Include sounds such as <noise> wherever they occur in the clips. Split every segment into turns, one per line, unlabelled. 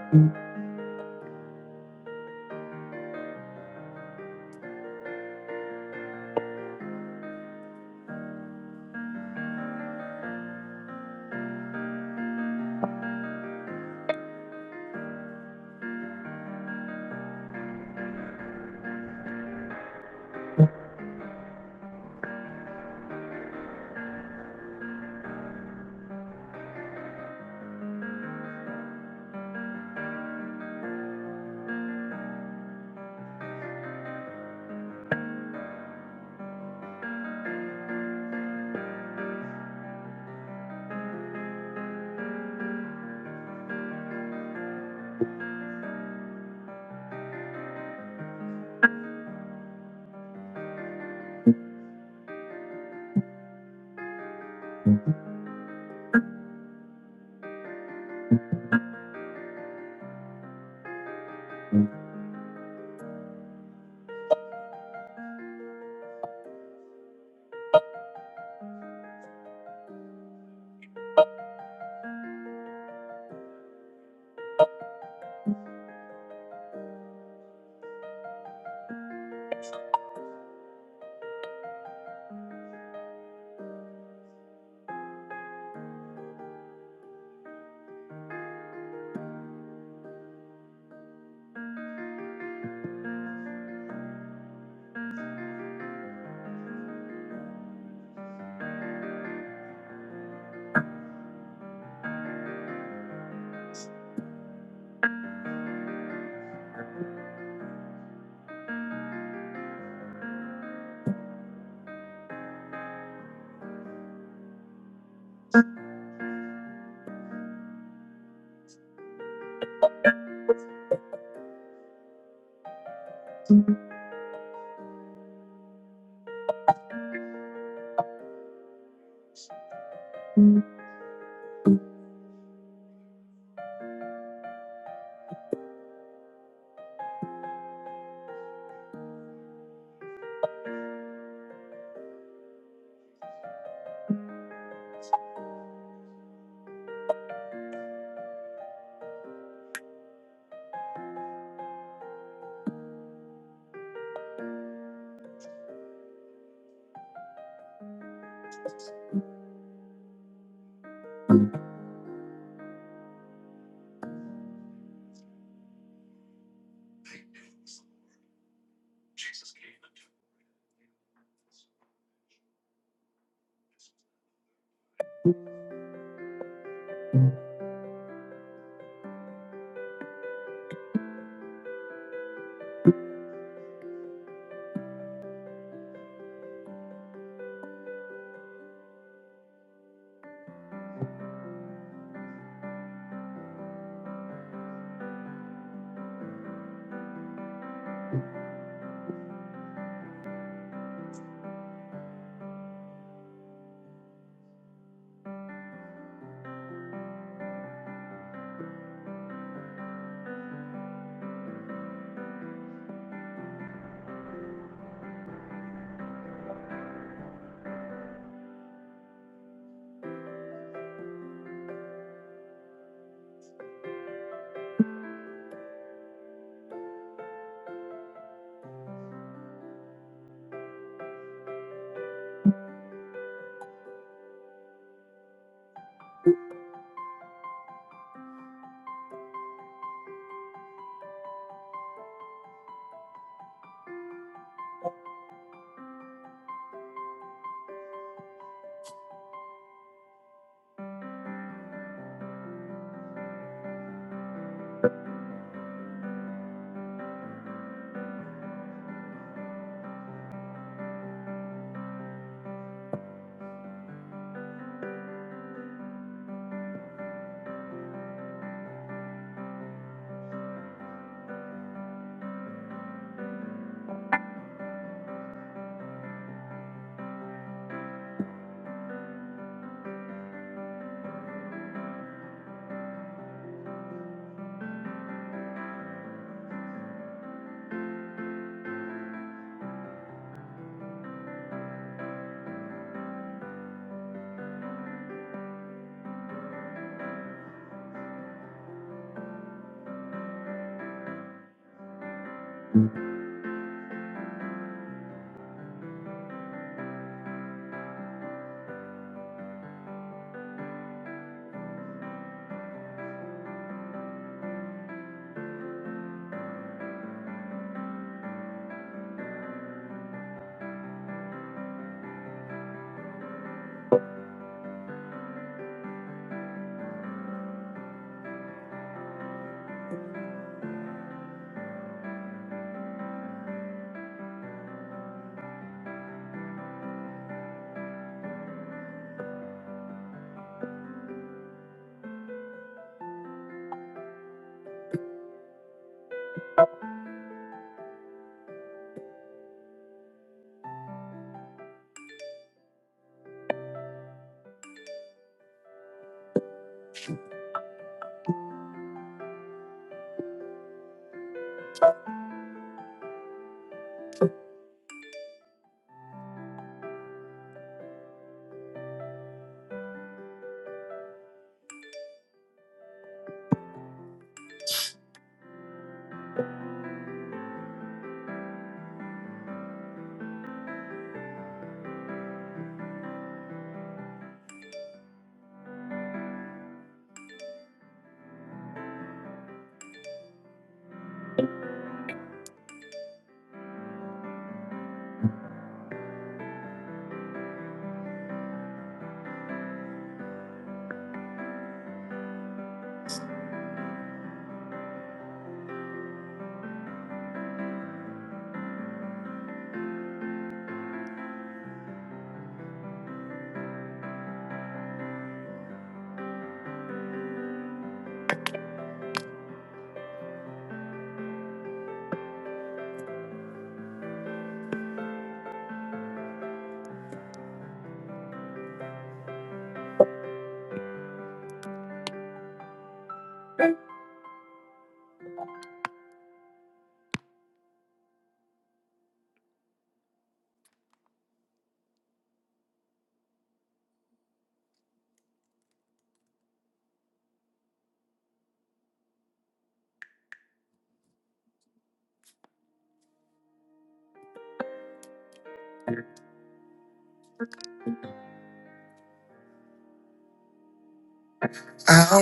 I'll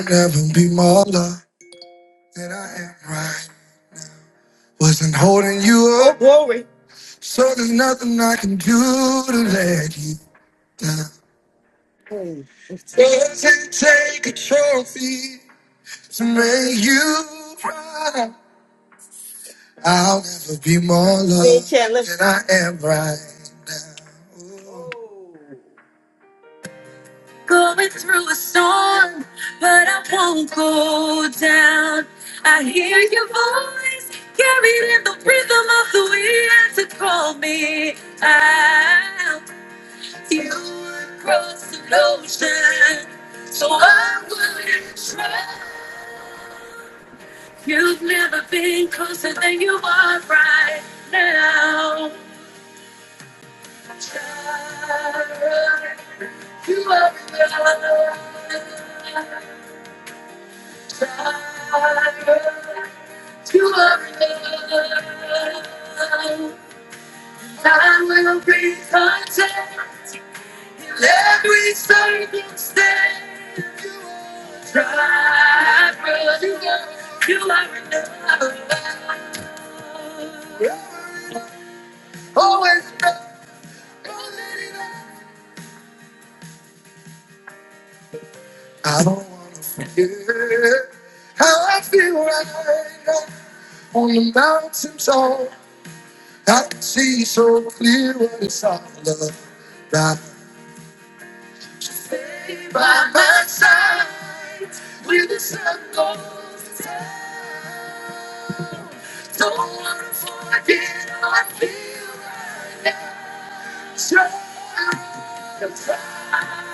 never be more loved than I am right. Wasn't holding you up, so there's nothing I can do to let you down. Doesn't take a trophy to make you proud. I'll never be more loved Say, Chandler. than I am right now. Going through a storm, but I won't go down. I hear your voice carried in the rhythm of the wind to call me out. You would cross an ocean, so I wouldn't try. You've never been closer than you are right now. Child, you are loved. I will be content in every circumstance. Try, but you are, you are enough. Always enough. I don't wanna forget how I feel right now on the mountains of I can see so clear what it's all about. Stay By my side, when the sun goes down. Don't wanna get my feet shut. I'm tired.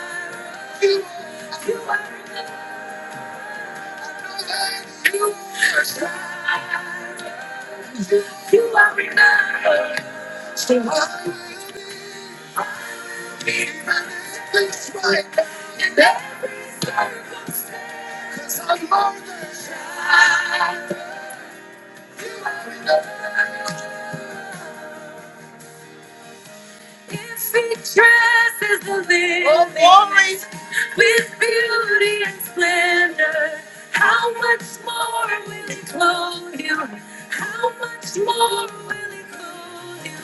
You are better than you. So I will be this right now. And that, Cause I'm on the track. If he dresses the lily. With beauty and splendor, how much more will he clothe you? How much more will he clothe you?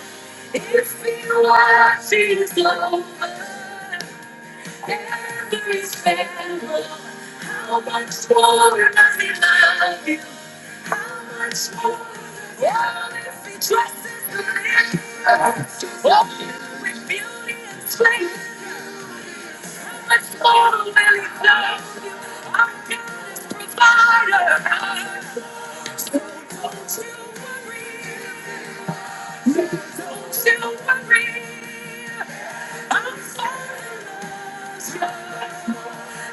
If he watches over every sparrow, how much more does he love you? How much more? Yeah, if he dresses the lily, oh, with beauty and splendor much more will he love you? I'm his provider. So don't you worry, don't you worry. I'm gonna love you.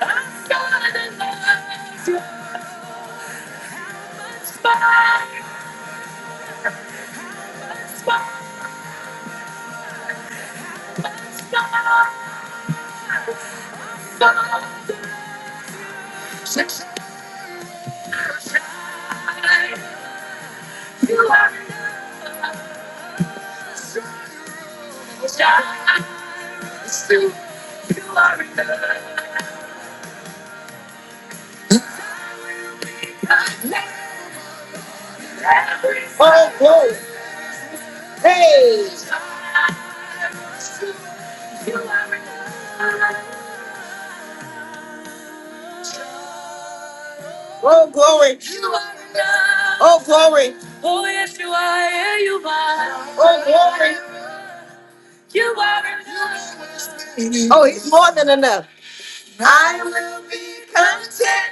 I'm gonna love you. That's fine, that's fine, that's fine. You are enough. You are enough. Oh, glory. Hey. Oh, glory. Oh, glory. Oh, yes, You You are, Yeah, you are, oh glory. You are enough. Oh, he's more than enough. I will be content.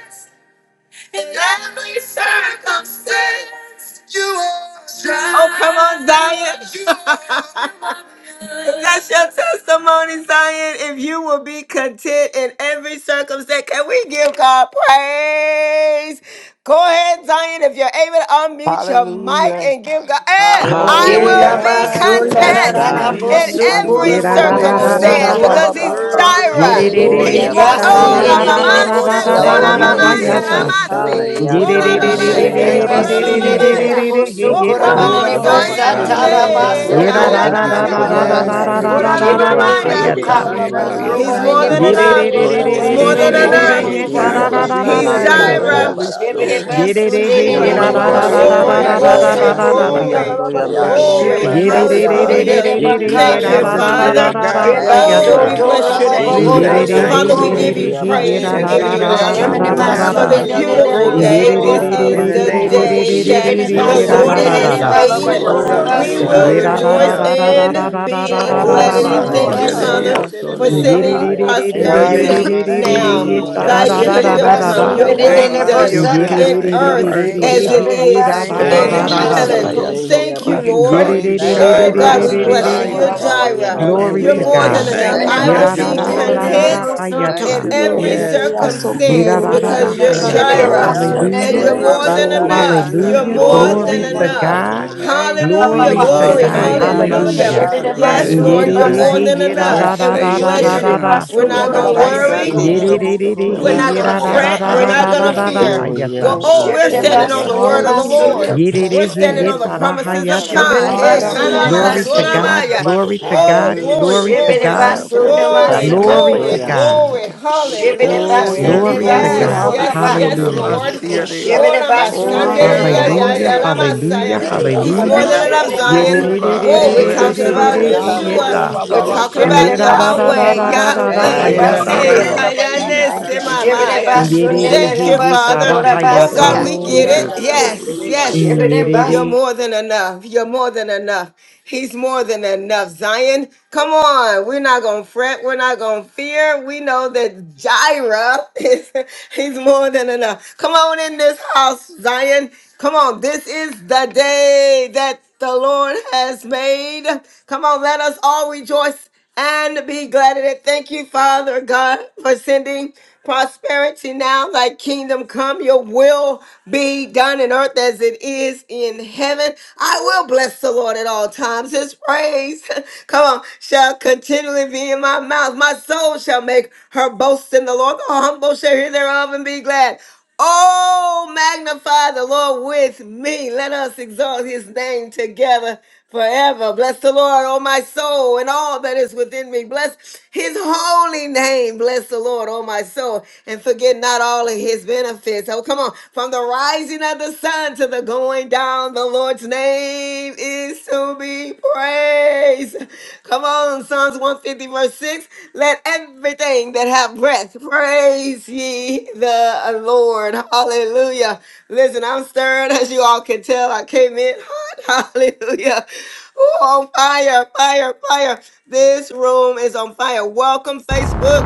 Oh, come on, Zion. <laughs> That's your testimony, Zion. If you will be content in every circumstance, can we give God praise? Go ahead, Zion, if you're able to unmute your mic
Hallelujah.
and give God, eh,
Glory
Oh,
I
Ela
will
Hallelujah.
andara
yes,
be
God.
Hallelujah.
Yes,
basunda
Thank
Hallelujah,
Thank
Yes,
da
content
da
you,
da
God.
masete.
Jesus.
in
hallelujah.
hallelujah,
bosu
Thank
You're
every
hallelujah,
kura
you,
da,
bo
da,
bo
Glory
da,
in
more
Jesus.
our
da,
than
da,
bosu
Ora
most
circumstance
da,
You
enough,
ku.
ha.
are
baba
because he's
bako
Father.
God.
subterranean.
Ye,
Jireh.
de,
Yes,
de, de,
worthy.
shierebe
de,
He's
ya
Shibidi
Oya
Hallelujah.
ye,
more.
da, da,
Thank
Oh,
da,
basinde
basoya.
sataye.
you,
Glory.
Yandara
Hallelujah.
de
da,
de
you
da,
for
de
da, da, da,
basuri
Ramamase,
bosu
da, da,
Lord.
andede
Yalala
Thank
da,
you,
da,
kura
de
ha,
Lord,
Koramamaya,
ya,
Jesus.
doing it,
yes,
God.
ta.
bayando
bosia.
basiku.
Yes,
Lord.
Thank
Ramase.
God.
Ye,
Oh,
de,
Yando
de,
shierebe
We
Hallelujah.
de, de, de,
yanda
say
Mandara
Ramamase,
Shibidi
yarara
Thank
you
indeyerehia
for
thank
oh,
doing
de,
you,
you,
de,
baya
masuri
Jesus.
de, de,
basunde
basoya.
de,
de
andara
de de
soko.
Ramamamaya.
de, de, de, de, de,
Jesus.
he,
bosu
basete
Thank
Oh,
ye,
you
de
kura
for
ta.
come
bo.
being
Ora
on,
banane
baba
Jehovah
Thank
Zion.
bosa
you,
bakanda
Jireh,
it.
tara
oh
Jesus.
ye
God.
Hey,
Ye,
Thank
da,
you
rebe
Hoshe
basuku.
Yandara
Korabashanirihaya.
da,
Thank
da,
yanda
you for
kanda
da, da, da,
la
Hayanaya.
yarara
baseke
providing
da, da,
baya
my
da, da, da, da,
Yes,
saka.
da,
every
Oh,
da,
ramasi
God.
soko.
need
andara
Shibidi
according
de
basi.
to
ha,
de
Ramamamaya.
your
ya,
Eke
ta.
riches
boka.
and
Shialala
manda
glory,
la
oh
bayanda
He's
Robani
more
God.
ne
for
than
ye
Ye,
shakata.
de,
doing
bosu
de,
Korabashanirihaya.
rebe
enough.
de, de, de, de,
Lord,
kura
in
de,
the
He's
yando.
more
We
name
de, de, de, de,
than
of
say
ye, da,
basuku.
da,
Ora
da,
enough.
thank
Jesus,
Eke
you,
baba
da, da,
He's
God,
yeah,
bako
for
shike
baso
being
da,
he's
manda
shiye
ha,
filled
it.
with
la
ya,
the
rebe
ta.
sha.
indeyerehia
Jireh.
Holy
yanda ya.
baso.
Shibidi
He
Spirit.
Ye,
is
de, de, he,
basunde de
ye,
de
Jireh.
Shialala
da,
de
Oh,
Otaya
da, da,
God,
Eke
da,
bayanda
bosu
we're
babande,
Glory,
ye
kura
da,
shike
da,
blessed to
da,
rebe
yeah,
be
da,
glory,
da,
ya
manda.
da,
basuku.
da,
filled.
da, da,
siki
da.
basoya,
glory,
yalala
ndoya
Oh, God,
bayanda.
rebehia
speaking
Oh,
glory.
Shibidi
in
Ye, de,
yes,
de,
other
basoya.
de,
Lord.
de,
basunde
de,
de
tongues.
Thank
de,
de
Hallelujah.
you,
de,
Aye,
de,
Iki
Jesus.
ye,
baka.
derebe
Thank
da,
you,
As
da,
the
yanda
da,
andonde
da da
da,
Spirit
da,
of
Father.
baba
da, da,
yerehia
God
ha,
Sheba
gives
Thank
ya,
bako,
us,
you,
Oh,
ta.
we
soto
Lord.
ora
bless your
raba
baba
we
bobo
Eti
name.
kanda
say
Yerere
Hallelujah.
ye,
andonde
Father,
thank
he
we
you,
bosoko.
give you
yerere
yerehi
Lord.
he
praise.
yera
We
siye,
da
As
abaso.
give
the
da
you
derebe
da da
yokes
Thank
da
honor
in
Shebene
da
you,
the
yasiki
Oh,
da da
alala
for
natural
Jesus.
da.
masunde
this
be
de
You are
de
bayanda
de
beautiful
ye,
yabaseke
worthy,
broken
day.
derebe
ando
Yerere
Lord.
This
bosoko.
re re
in
is
re
yando,
the
re
the
re
name
re
of
Hallelujah.
re
yarabasataya.
re
day
re
Jesus,
ye,
that
re
we
Shebene
You
re
are
the
derebe
say
You
yera
are
thank
Lord
da
basunde
da
worthy,
de
you.
da
has
yasiki
de
da
worthy.
Jesus.
alala
You
da.
are
You
made.
are
basoko da
worthy.
bayasata
worthy,
You
We
are
ye,
God.
will
basoko.
Yera
derebe
worthy,
da da
rejoice
Lord.
da
yanda
da
ye,
da da
Abiasoya.
and
Kodabashayadidiyasoto,
da da
Hallelujah.
da
be
I
da
Shebene
da
glad
love
da
in
da
ora
you,
it.
basunde
baba
Thank
Thank
Lord.
you,
you,
hayata.
Father
kaye,
basoko.
Jesus.
for
You
derebe
are
Yamasonde
kodamasiyadidiyasoto.
sending
Yerere
yerehi.
worthy.
I
re
yahaya,
re re
thank
In the
re re
you.
name
re
prosperity
re
of
re re
Thank
re
you,
Jesus,
now.
Aramasande
we
de
Eh,
Lord.
yeta
I
say
I
da
Thy
da
thank
da
bless
bless
Shebene
ye,
da
your
your
bosande.
you.
kingdom
da da
name.
name.
derebe
I
come,
da.
your
basunde
Thank
de
you,
will
de
bless
yanda,
your
Thank
be
de
you for
Father.
done
name,
your
God.
bosaka.
Yerere
Ramasandara
in
goodness
re
and your
re re
earth
re
baseke.
re
Thank
mercy.
you,
as
re
Atiabasoya.
it
he
Lord.
Shebene
is
ye,
yera
Thank
da
you,
da
basoko
derebe
na
da
in
Thank
Lord.
da da
you,
Ondi
yanda da da
ende
heaven.
da.
Lord.
basoko.
Hallelujah.
yerehi
Thank
We
bayasoko,
you,
can
abaso.
call
Lord.
you
Yerere
Thank you,
re re
Thank you,
re
Oh
Shebene
re
Jireh,
God,
re
the
we
Lord.
re
Rabasuri
Ah,
re
basoko
bless you.
re.
Thank
na
andara
you,
You're
ora
provider.
shataya
baba
ando
Father.
basoko.
Jireh.
kaye,
And
basikada.
Glory
You're
we
to
derebe
more
say
than
yarabasiande.
God.
yanda da
enough.
thank
da
you
Shebene
Thank
I
you.
will
because
Yera
You
you're
are
da
be
bayasata.
da
more
masunde
da
de
more
than
da
de
da
than
de
enough.
da
content
enough. Thank
in
hayata.
bosoto.
Mm.
you,
Glory,
Lord.
every
glory,
Yes, God.
circumstance
Eko
I
because
give
you're
you
Thank
Yidda-da-da-da-hayata.
Shebene
you.
glory,
Jireh
Ondi
honor,
shatarabase.
basunde
and
and
de
Hallelujah.
de
you're
asoya.
more
praises.
than
Oh,
bosoto.
yes,
enough.
Rabasurianda
You're
God,
Hallelujah.
Hallelujah.
you're
more
more than
than
Glory
Rabasete de
to
enough in
enough.
our
God.
life.
Oh,
Thank
Robosurianda
you,
And
Hallelujah.
we
Glory
Jesus.
to
say
Glory.
rabababasa.
God.
thank you.
Hallelujah.
We don't
Hallelujah.
take
Hallelujah.
it
Rabasanda
for
Thank
Yes,
granted,
you,
Shibidibasu
Lord,
Lord
Hallelujah.
Ramasande
you're
de
Jesus.
God.
more
Thank
nibasa.
Yidda-da-he,
than
you, Lord.
We're
enough, and
Bashurianda
we
safe in
bless
your
you.
yidda-da-da-da-da-da-da.
arms,
We're
Shibidibasu
Lord,
not
in the
going to
name
Thank
of
you,
worry.
Rabasande
kurabasuku.
de
Lord.
yidda
Jesus.
da
And
We're
he
we
not going
Robosurianda
to
cry out,
fret. We're
Abba,
not
Thank you,
going to
Lord.
Father.
fear.
Glory, yes,
Go,
yidda-da-da-da-da-da-da-da-hayata.
oh,
God.
we're standing on the
Shibidibasu
word of
Ayabasoya.
the
hallelujah,
Lord.
nimasutu.
yes,
We're
Lord,
Yidda-da-he,
Thank
standing on
yes.
you,
the
Yes, Lord.
Lord.
promises
Rabasanda
of
yidda-da-hayata.
God.
Ah,
Hey,
Rabba
Shibidibasu
Yes,
Rabasurianda
God.
kanama
Glory
Bakanda,
to
Rabasete
nibasuku.
yes.
de
God.
soramaya.
Rabase.
Glory to
Oh,
God.
glory,
Hallelujah.
Glory to
Yes,
glory,
It's
God.
Thank
Lord.
so
Shibidibasu
you.
full
glory,
nimasaka.
Glory
glory,
to
Ayabasoya.
God.
glory.
time. Oh,
Hallelujah.
Oh,
Shibidibasu
Thank you,
yes,
Glory to
Lord.
Oh
glory,
nibasu
Jesus.
Yes,
God.
Eko
yes,
kuraba.
hallelujah,
yes,
Rabasende
shana
de
Hallelujah.
Jesus,
Lord.
thank
Yes,
Robosanda.
Thank
you.
masiere.
you.
Lord.
Horama
Thank
Shibidibasu
you,
Oh,
My
Jesus.
yes,
sandereya
Thank
ya
Lord.
Hallelujah,
you.
ya
Eko
nilibusuku.
Hallelujah. Thank
hallelujah,
ramasaya.
Thank you,
He's
shataraba.
you,
more
hallelujah.
than
Jesus.
enough,
Ramasikende
Shibidibasu
Oh,
Zion.
de
God.
Oh, we're
Thank you,
talking
Robosurianda
Bless,
about
nilibusuku.
Yererererererererere,
Jesus.
Ramasi.
bless,
God,
hey,
Yeshua.
Sora
yeta.
bless.
We're
Baba
Hallelujah.
Oh,
talking
God,
about
you're
Bako,
more
Shibidibasu
than
Hashakandalasa.
Yahweh,
yeah,
enough.
the
Yerarararararara,
Thank
baby
Thank
you,
Yahweh.
you.
In the
Father.
hayata.
Bakanta
Hey,
name
nimasukurabasaka.
Ayabasoya.
da
Rabababa
of
Baya
Hayanese
Thank
Surianda
Jesus,
you
Haya,
for
we
me
say
Shibbity
Ramasi.
not
Mamaya.
bus,
thank you.
Glory,
Yerere,
casting
Thank
nididi
hey,
you,
all my
bus,
Father.
yetara,
cares
pura
upon
Oh
Hallelujah.
you,
Thank
God,
hayata.
you,
basaka.
we
Lord.
Oh,
get
Thank
it.
you
Jesus.
for
yes, Lord.
teaching
We
Yes,
me, Lord.
yes.
Shibbity bus.
You're
Lord.
Yerere.
more than enough. You're more than enough. He's more than enough. Zion, come on. We're not going to fret. We're not going to fear. We know that Jireh is, <laughs> he's more than enough. Come on in this house, Zion. Come on. This is the day that the Lord has made. Come on. Let us all rejoice and be glad in it. Thank you, Father God, for sending prosperity now, thy kingdom come, your will be done in earth as it is in heaven. I will bless the Lord at all times. His praise, <laughs> come on, shall continually be in my mouth. My soul shall make her boast in the Lord. The humble shall hear thereof and be glad. Oh, magnify the Lord with me. Let us exalt his name together forever. Bless the Lord, oh my soul, and all that is within me. Bless his holy name. Bless the Lord, oh my soul, and forget not all of his benefits. Oh, come on. From the rising of the sun to the going down, the Lord's name is to be praised. Come on on Psalms 150, verse 6. Let everything that have breath praise ye the Lord. Hallelujah. Listen, I'm stirred as you all can tell. I came in hot. <laughs> Hallelujah. Ooh, on fire, fire, fire. This room is on fire. Welcome, Facebook.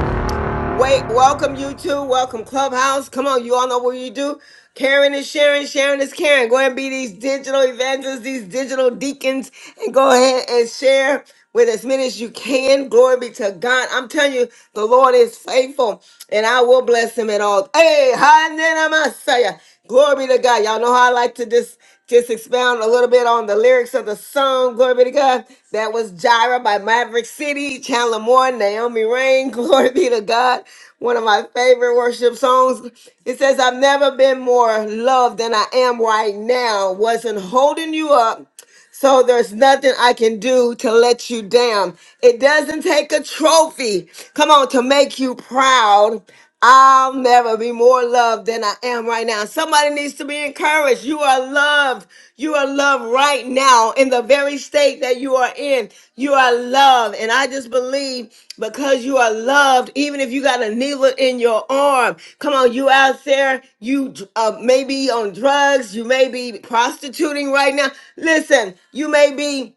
Wait, welcome you two. Welcome Clubhouse. Come on, you all know what you do. Karen is sharing, Sharing is Karen. Go ahead and be these digital evangelists, these digital deacons, and go ahead and share with as many as you can. Glory be to God. I'm telling you, the Lord is faithful, and I will bless him at all. Hey, Hanena Masaya. Glory be to God. Y'all know how I like to just just expound a little bit on the lyrics of the song. Glory be to God. That was Gyra by Maverick City, Chandler Moore, Naomi Rain. <laughs> Glory be to God. One of my favorite worship songs. It says, I've never been more loved than I am right now. Wasn't holding you up. So there's nothing I can do to let you down. It doesn't take a trophy, come on, to make you proud. I'll never be more loved than I am right now. Somebody needs to be encouraged. You are loved. You are loved right now in the very state that you are in. You are loved. And I just believe because you are loved, even if you got a needle in your arm, come on, you out there, you uh, may be on drugs, you may be prostituting right now. Listen, you may be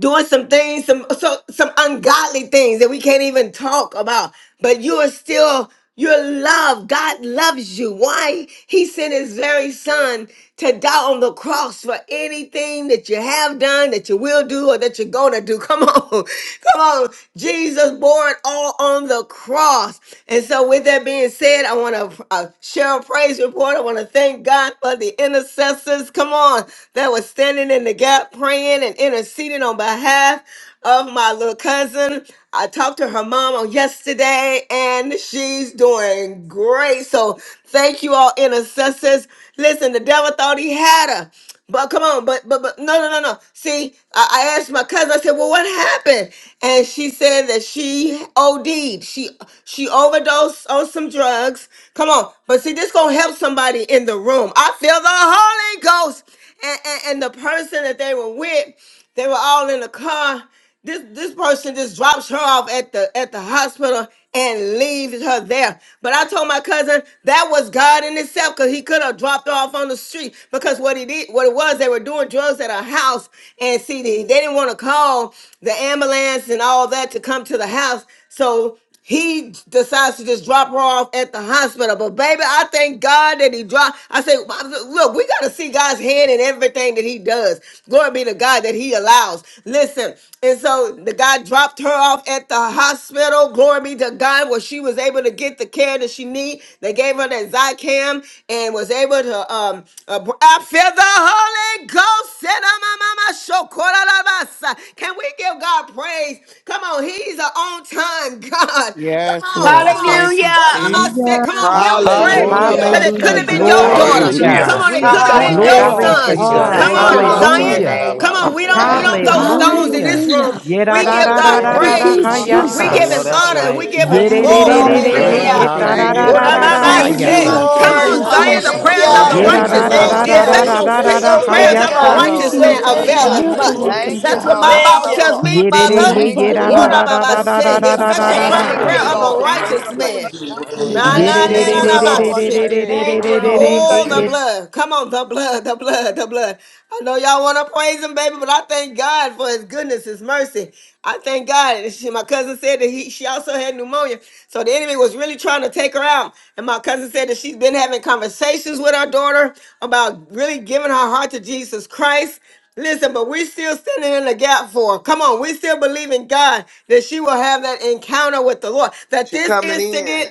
doing some things, some so some ungodly things that we can't even talk about. But you are still you're loved. God loves you. Why He sent His very Son to die on the cross for anything that you have done, that you will do, or that you're gonna do. Come on, <laughs> come on. Jesus bore it all on the cross. And so, with that being said, I want to uh, share a praise report. I want to thank God for of the intercessors, come on, that was standing in the gap, praying and interceding on behalf of my little cousin. I talked to her mom on yesterday and she's doing great. So thank you all, intercessors. Listen, the devil thought he had her. But come on, but but but no no no no. See, I, I asked my cousin. I said, "Well, what happened?" And she said that she OD'd. She she overdosed on some drugs. Come on, but see, this gonna help somebody in the room. I feel the Holy Ghost, and and, and the person that they were with. They were all in the car. This this person just drops her off at the at the hospital and leaves her there. But I told my cousin that was God in itself because he could have dropped her off on the street because what he did, what it was, they were doing drugs at her house and see they they didn't want to call the ambulance and all that to come to the house. So he decides to just drop her off at the hospital. But baby, I thank God that he dropped. I say, "Well, look, we gotta see God's hand in everything that he does. Glory be to God that he allows. Listen, and so the guy dropped her off at the hospital. Glory be to God, where she was able to get the care that she need. They gave her that Zycam and was able to um uh, I feel the Holy Ghost. Ghost. Sedamamama shokorabasa. Can we give God praise? Come on, He's an on time God. Come
Yes,
on, come
Lord.
on.
Thank you,
Hallelujah!
Oramase.
Jesus.
Hallelujah,
Come on, give Him praise.
Ora
Hallelujah.
Hallelujah,
Because it could
hallelujah.
have
Thank
been
basata
you,
your
Jesus.
Glory
Thank you,
yere.
to
daughter.
Jesus.
Hallelujah.
Come
God.
on,
Jesus.
it
Ha
We
could
Yes,
have
ha
Hallelujah.
been
thank
God.
Thank
My
you,
your
you,
Thank
Glory
you,
God,
Thank
Lord.
you,
to
son.
Jesus. Glory
Ah,
today.
God.
to
Jesus.
Come
Jesus.
Thank
Ora
Thank
ha
you,
Baba
on,
you,
Glory
ha.
Lord.
to your
Lord.
Zion.
basana
Hallelujah.
la
Bako,
name.
Come on, we don't we
Lord.
baseke
Thank
Rama
don't
you,
throw
tama.
Lord.
Sunday,
stones in
Hallelujah,
Hallelujah.
this
Rabosa.
room.
Hallelujah.
Jesus,
the
We
Thank
Thank
give
Thank
you,
Lord.
Oh,
you,
God
Lord.
yes,
you.
Lord.
Thank
This
Hallelujah.
Yerarararararara,
Lord.
Thank
you,
is
praise.
We
Thank
Ah,
you.
you,
say
We
I
Father.
Jesus.
hayata.
thank
give
Baba
know
him
you.
Jesus.
Hallelujah.
that's
honor
Hallelujah.
and
right.
we give
Thank
Hallelujah.
Bako,
you
him
Thank
for
you,
your
glory.
Lord.
hand,
That's
thank
Yererererere,
Hallelujah.
Lord
Honor,
hey,
Praise
right.
the
God.
Hallelujah!
Yes, we
God.
give
Thank
you
you,
Thank
What
my
Hallelujah.
you,
am
Lord.
I
yetararararara,
praise,
Lord
Thank
might
Thank
you,
glory,
Thank
you,
God,
and
you,
hayata.
Lord.
Jesus.
Thank
honor.
Hallelujah.
you
Jesus.
Jesus.
for
Thank
Come
Thank
your
you,
Lord.
on,
Sora
Yanda
Zion,
mercy
the
and
Baba
prayers
Oh,
Jesus.
of
Rabasuri,
the
thank
Hallelujah!
you.
grace.
Thank
Bakaye,
Yera
Thank
Yanda
you,
you,
righteous,
da da
for
Thank
da
it.
the
Lord.
Rabasa.
da
you.
Shanamasi,
Father.
da
take
da
effectual
da
it
You're
to
da
Rende,
my
Thank
da
Hallelujah.
f-
so
you,
Thank
Lord
prayers
good,
of
Thank
you,
a
God.
you,
God.
hayata.
God. You're
Thank
Thank
righteous
the
Lord.
you,
you,
Wababaisi.
so
man
baby
For
Lord.
good,
in
Father.
Praise the
your
God.
availeth
Asata,
Holy
Miracle
much.
hand
Glory
is the
working
Name.
Thank you,
to
That's
hidden
God.
what my
Ah,
Father.
Lord.
Thank
Bible
Thank
you,
power.
Baba
you,
tells
Lord.
Bako,
me,
Yere
Jesus.
No
de
yeah,
mother.
he
one
Thank
Thank
you,
but
you,
Give
yera
a
da
What
Lord
you.
am
da
Lord.
I
little
da
might
da
push,
Jesus.
da
the
da
The
da
Thank you,
da
The
da
effectual
da
Thank
baby
Father.
da
Thank
you,
living
fervent
Lord.
Thank
you,
ha.
Thank
prayer
you,
you,
Lord.
of
Bible
thank
a
Lord.
Lord.
you,
Thank you
thank
for
righteous
you.
Asata,
doing
man.
it,
series
You
God.
worthy.
on
Thank
Nah,
you,
two
Thank
nah,
Yere
nah,
de
you.
Oh,
Thank
de
nah,
for
de
you,
nah,
de
Black
my
Jesus.
de
Lord.
de
Sabbath.
shit.
Rababakaye.
de
Thank
de
you,
Thank
de de de de
you,
Lord.
de
Lord.
de
Yes,
Oh,
he
the
yet.
thank
blood. Come on, the blood, the blood, the blood. I know y'all want to praise him, baby, but I thank God for his goodness, his mercy. I thank God. And She, my cousin said that he, she also had pneumonia. So the enemy was really trying to take her out. And my cousin said that she's been having conversations with our daughter about really giving her heart to Jesus Christ. Listen, but we're still standing in the gap for her. Come on, we still believe in God that she will have that encounter with the Lord. That
She
this
coming in.
incident,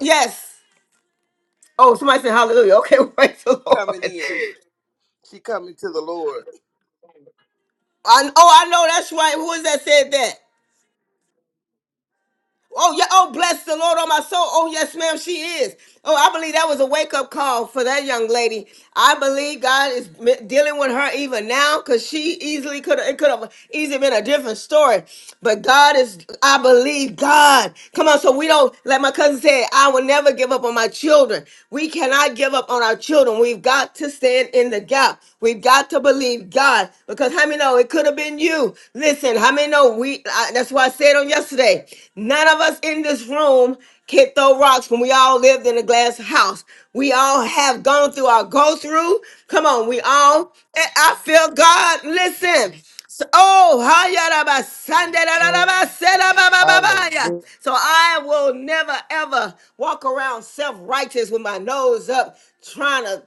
yes. Oh, somebody said hallelujah. Okay, <laughs> praise the
Coming
Lord.
in. She coming to the Lord.
I, oh, I know that's right. Who was that said that? Oh, yeah. Oh, bless the Lord on my soul. Oh, yes, ma'am, she is. Oh, I believe that was a wake up call for that young lady. I believe God is m- dealing with her even now because she easily could have, it could have easily been a different story. But God is, I believe God. Come on, so we don't, like my cousin said, I will never give up on my children. We cannot give up on our children. We've got to stand in the gap. We've got to believe God because how many know it could have could have been you. Listen, how many know we? I, that's why I said on yesterday. None of us in this room can throw rocks when we all lived in a glass house. We all have gone through our go through. Come on, we all. I I feel God. Listen. So, oh, hayaraba, sandarararaba, serababababaya.
Hallelujah.
so I will never ever walk around self righteous with my nose up, trying to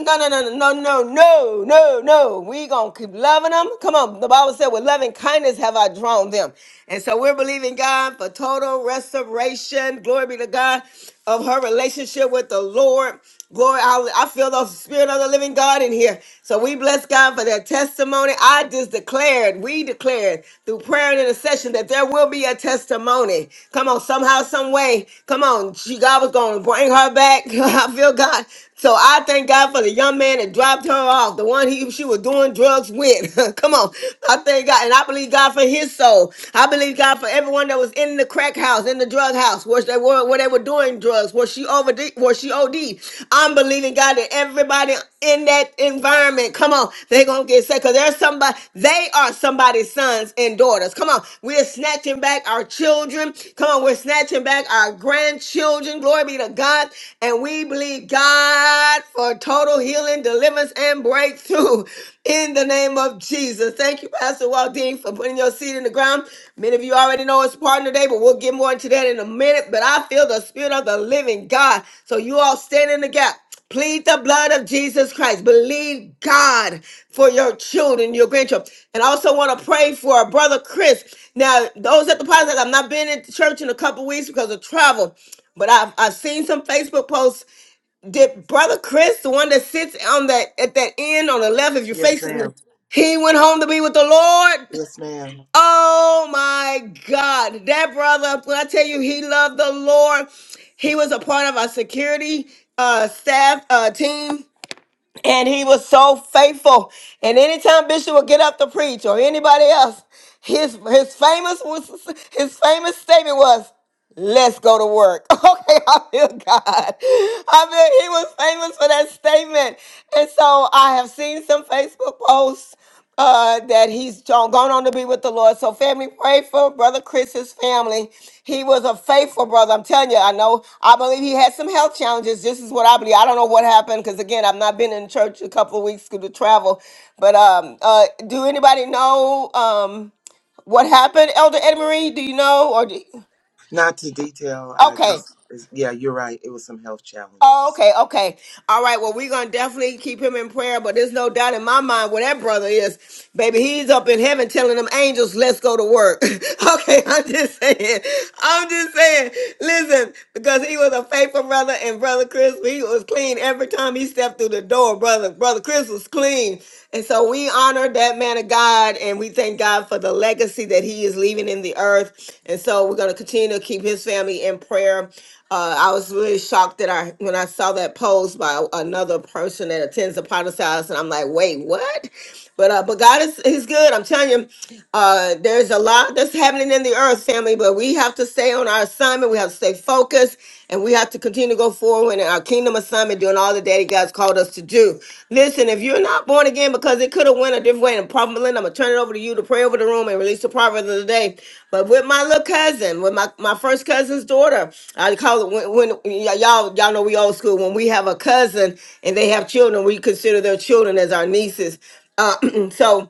no, no, no, no, no, no, no, no. no. We gonna keep loving them. Come on, the Bible said, "With loving kindness have I drawn them," and so we're believing God for total restoration. Glory be to God of her relationship with the Lord. Glory, I, I feel the spirit of the living God in here. So we bless God for that testimony. I just declared, we declared through prayer and intercession that there will be a testimony. Come on, somehow, some way. Come on, she, God was gonna bring her back. <laughs> I feel real God. So I thank God for the young man that dropped her off, the one he she was doing drugs with. <laughs> Come on. I thank God. And I believe God for his soul. I believe God for everyone that was in the crack house, in the drug house, where they were where they were doing drugs, where she over where she OD. I'm believing God that everybody in that environment, come on, they're gonna get set because there's somebody, they are somebody's sons and daughters. Come on, we're snatching back our children. Come on, we're snatching back our grandchildren. Glory be to God. God, and we believe God for total healing, deliverance, and breakthrough <laughs> in the name of Jesus. Thank you, Pastor Waldine, for putting your seed in the ground. Many of you already know it's partner day, but we'll get more into that in a minute. But I feel the spirit of the living God. So you all stand in the gap. Plead the blood of Jesus Christ. Believe God for your children, your grandchildren. And I also want to pray for our brother Chris. Now, those at the podcast, I've not been in church in a couple weeks because of travel. But I've I've seen some Facebook posts. Did brother Chris, the one that sits on that at that end on the left, if you're
Yes,
facing the
ma'am.
he went home to be with the Lord.
Yes, ma'am.
Oh my God. That brother, when I tell you he loved the Lord, he was a part of our security uh staff uh team. And he was so faithful. And anytime Bishop would get up to preach or anybody else, his his famous was his famous statement was. Let's go to work. <laughs> Okay, I feel God. I mean, he was famous for that statement. And so I have seen some Facebook posts uh, that he's gone on to be with the Lord. So, family, pray for Brother Chris's family. He was a faithful brother. I'm telling you, I know, I believe he had some health challenges. This is what I believe. I don't know what happened because, again, I've not been in church a couple of weeks due to travel. But um, uh, do anybody know um, what happened, Elder Edmarie? Do you know? or do you?
Not to detail. I
Okay.
just, yeah, you're right. It was some health
Oh,
challenges.
okay, okay. All right. Well, we're gonna definitely keep him in prayer, but there's no doubt in my mind where that brother is. Baby, he's up in heaven telling them angels, let's go to work. <laughs> okay, I'm just saying. I'm just saying, listen, because he was a faithful brother and brother Chris, he was clean every time he stepped through the door, brother. Brother Chris was clean. And so we honor that man of God and we thank God for the legacy that he is leaving in the earth. And so we're gonna continue to keep his family in prayer. Uh, I was really shocked that I when I saw that post by another person that attends the Potter's House, and I'm like, wait, what? But uh, but God is He's good. I'm telling you, uh, there's a lot that's happening in the earth, family. But we have to stay on our assignment. We have to stay focused, and we have to continue to go forward in our kingdom assignment, doing all the what Daddy God's called us to do. Listen, if you're not born again, because it could have went a different way, and Prophet Melinda, I'm gonna turn it over to you to pray over the room and release the proverb of the day. But with my little cousin, with my, my first cousin's daughter, I call it when, when y- y'all y'all know we old school. When we have a cousin and they have children, we consider their children as our nieces. Uh, <clears throat> so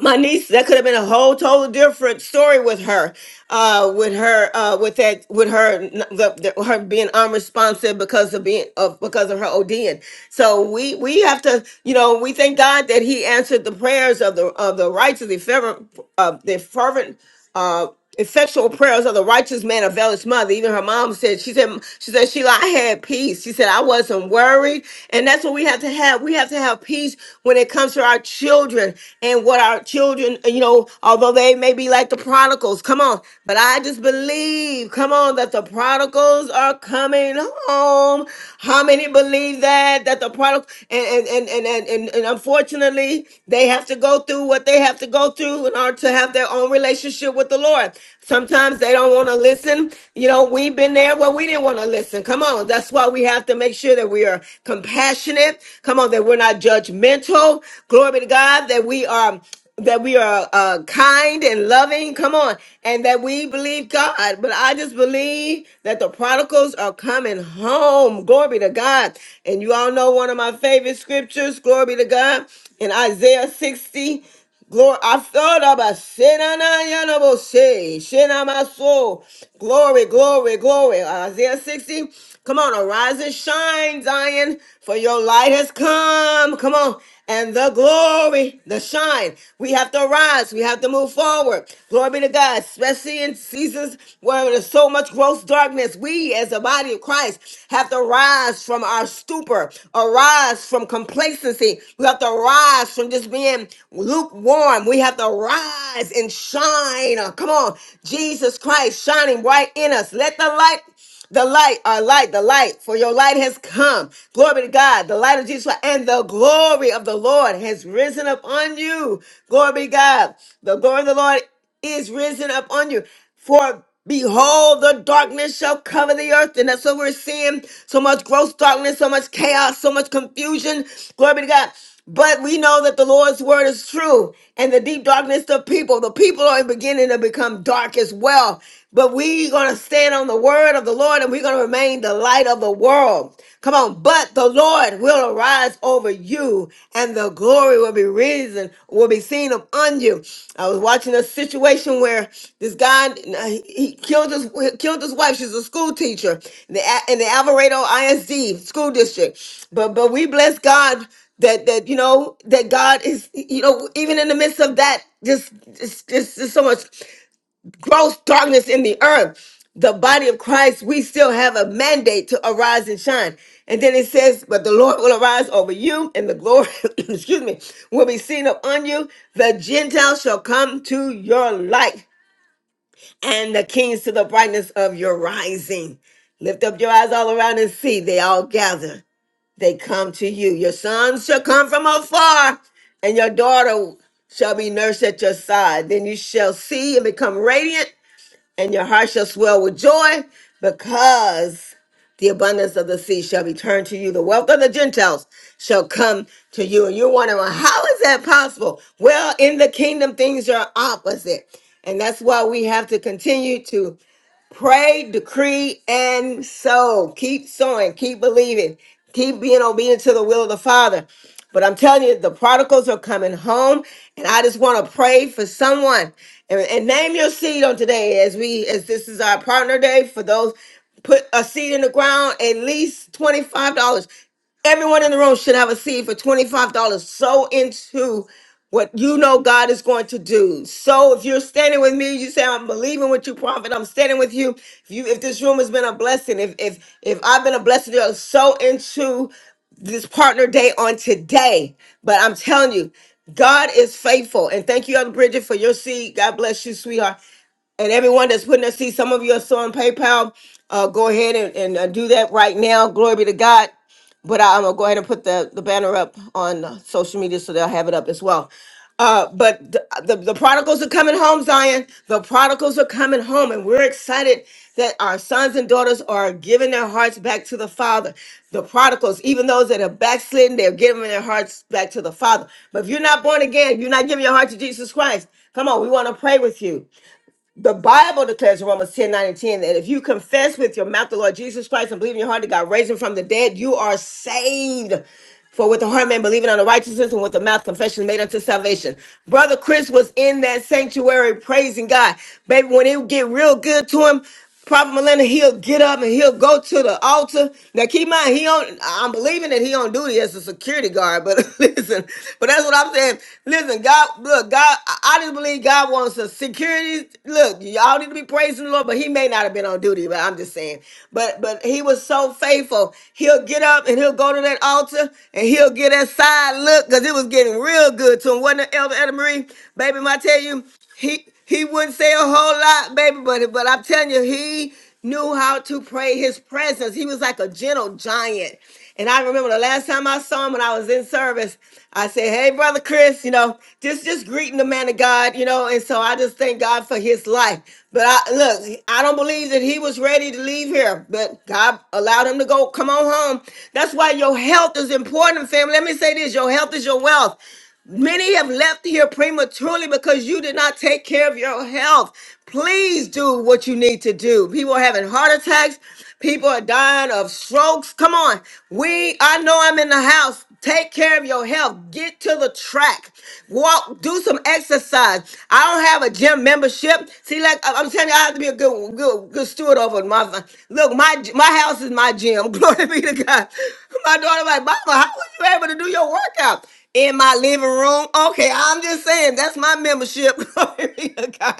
my niece that could have been a whole total different story with her uh with her uh with that with her n- the, the, her being unresponsive because of being of because of her ODing so we we have to you know we thank God that he answered the prayers of the of the righteous the fervent of the fervent uh effectual prayers of the righteous man availeth mother even her mom said she said she said sheila i had peace she said i wasn't worried and that's what we have to have we have to have peace when it comes to our children and what our children you know although they may be like the prodigals come on but i just believe come on that the prodigals are coming home how many believe that that the prodigal and and and and, and, and unfortunately they have to go through what they have to go through in order to have their own relationship with the Lord. Sometimes they don't want to listen. You know, we've been there where we didn't want to listen. Come on. That's why we have to make sure that we are compassionate. Come on, that we're not judgmental. Glory be to God, that we are that we are uh, kind and loving. Come on. And that we believe God. But I just believe that the prodigals are coming home. Glory be to God. And you all know one of my favorite scriptures. Glory be to God. In Isaiah 60. Glory, I thought about Shenanayana Boshe, Shenama soul. Glory, glory, glory. Isaiah 60. Come on, arise and shine, Zion, for your light has come. Come on, and the glory, the shine. We have to arise. We have to move forward. Glory be to God, especially in seasons where there's so much gross darkness. We, as the body of Christ, have to rise from our stupor, arise from complacency. We have to rise from just being lukewarm. We have to rise and shine. Come on, Jesus Christ shining right in us. Let the light the light, our light, the light, for your light has come. Glory to God. The light of Jesus and the glory of the Lord has risen upon you. Glory to God. The glory of the Lord is risen up on you. For behold, the darkness shall cover the earth. And that's what we're seeing. So much gross darkness, so much chaos, so much confusion. Glory be to God. But we know that the Lord's word is true. And the deep darkness of people, the people are beginning to become dark as well. But we're going to stand on the word of the Lord and we're going to remain the light of the world. Come on. But the Yes, the Lord will arise over you, and the glory will be risen, will be seen upon you. I was watching a situation where this guy uh, he he killed his he killed his wife. She's a school teacher in the, A- in the Alvarado ISD school district. But but we bless God that that you know that God is you know even in the midst of that just just just, just so much gross darkness in the earth. The body of Christ, we still have a mandate to arise and shine. And then it says, But the Lord will arise over you, and the glory, <coughs> excuse me, will be seen upon you. The Gentiles shall come to your light, and the kings to the brightness of your rising. Lift up your eyes all around and see, they all gather. They come to you. Your sons shall come from afar, and your daughter shall be nursed at your side. Then you shall see and become radiant and your heart shall swell with joy because the abundance of the sea shall be turned to you. The wealth of the Gentiles shall come to you. And you're wondering, well, how is that possible? Well, in the kingdom, things are opposite. And that's why we have to continue to Pray, decree, and sow. Keep sowing, keep believing, keep being obedient to the will of the Father. But I'm telling you, the prodigals are coming home, and I just want to pray for someone. And, and name your seed on today as we as this is our partner day for those put a seed in the ground at least $25. Everyone in the room should have a seed for $25. Sow into what you know God is going to do. So if you're standing with me, you say, I'm believing with you, prophet. I'm standing with you. If you if this room has been a blessing, if if if I've been a blessing, you're so into this partner day on today. But I'm telling you, God is faithful. And thank you, Elder Bridget, for your seed. God bless you, sweetheart and everyone that's putting us see some of you are still on paypal uh go ahead and, and uh, do that right now glory be to god but I, am gonna go ahead and put the, the banner up on uh, social media so they'll have it up as well uh but the, the the prodigals are coming home zion the prodigals are coming home and we're excited that our sons and daughters are giving their hearts back to the father the prodigals even those that are backslidden they're giving their hearts back to the father but if you're not born again if you're not giving your heart to jesus christ come on we want to pray with you the Bible declares in Romans 10 9 and 10 that if you confess with your mouth the Lord Jesus Christ and believe in your heart that God raised him from the dead, you are saved. For with the heart man believing on the righteousness and with the mouth confession is made unto salvation. Brother Chris was in that sanctuary praising God. Baby, when it would get real good to him, Prophet Melinda, he'll get up and he'll go to the altar. Now keep in mind, he on I'm believing that he on duty as a security guard, but <laughs> listen, but that's what I'm saying. Listen, God, look, God, I I just believe God wants a security. Look, y'all need to be praising the Lord, but he may not have been on duty, but I'm just saying. But but he was so faithful. He'll get up and he'll go to that altar and he'll get that side look because it was getting real good to him. Wasn't it, Elder Edna Marie? Baby, I tell you he he wouldn't say a whole lot, baby, but but I'm telling you, he knew how to pray his presence. He was like a gentle giant. And I remember the last time I saw him when I was in service, I said, Hey, brother Chris, you know, just just greeting the man of God, you know, and so I just thank God for his life. But I look, I don't believe that he was ready to leave here, but God allowed him to go come on home. That's why your health is important, family. Let me say this: your health is your wealth. Many have left here prematurely because you did not take care of your health. Please do what you need to do. People are having heart attacks. People are dying of strokes. Come on. We, I know I'm in the house. Take care of your health. Get to the track. Walk, do some exercise. I don't have a gym membership. See, like I- I'm telling you, I have to be a good, good, good steward over my look. My my house is my gym. <laughs> Glory be to God. My daughter, like, Mama, how were you able to do your workout? in my living room. Okay, I'm just saying that's my membership. <laughs> Glory be to God.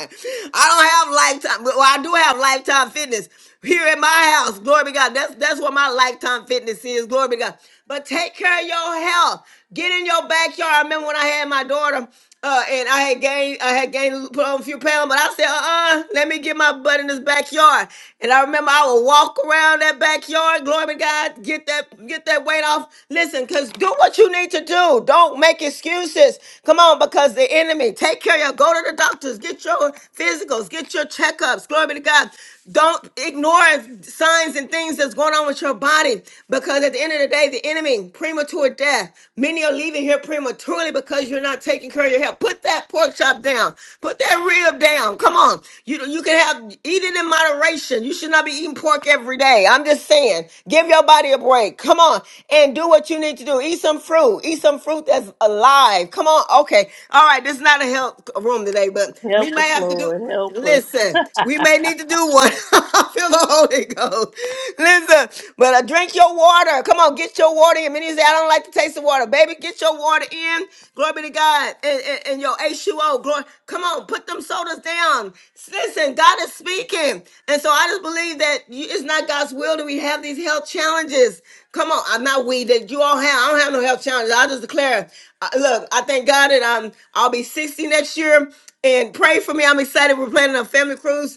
I don't have lifetime. Well, I do have lifetime fitness here at my house. Glory be to God. That's that's what my lifetime fitness is. Glory be to God. But take care of your health. Get in your backyard. I remember when I had my daughter uh, and I had gained, I had gained, put on a few pounds, but I said, uh-uh, let me get my butt in this backyard. And I remember I would walk around that backyard, glory to God, get that, get that weight off. Listen, cause do what you need to do. Don't make excuses. Come on, because the enemy, take care of you. Go to the doctors, get your physicals, get your checkups. Glory be to God. Don't ignore signs and things that's going on with your body because at the end of the day, the enemy, premature death. Many are leaving here prematurely because you're not taking care of your health. Put that pork chop down. Put that rib down. Come on. You, you can have, eat it in moderation. You should not be eating pork every day. I'm just saying, give your body a break. Come on and do what you need to do. Eat some fruit. Eat some fruit that's alive. Come on. Okay. All right. This is not a health room today, but we
Help us,
may have to do.
Lord. Help us.
Listen, we
<laughs>
may need to do one. <laughs> I feel the Holy Ghost. Listen, but uh, drink your water. Come on, get your water in. Many say, I don't like the taste of water. Baby, get your water in. Glory be to God. And, and, and your H2O. Glory. Come on, put them sodas down. Listen, God is speaking. And so I just believe that you, it's not God's will that we have these health challenges. Come on, I'm not we that you all have. I don't have no health challenges. I just declare, uh, look, I thank God that I'm, I'll be 60 next year and pray for me. I'm excited. We're planning a family cruise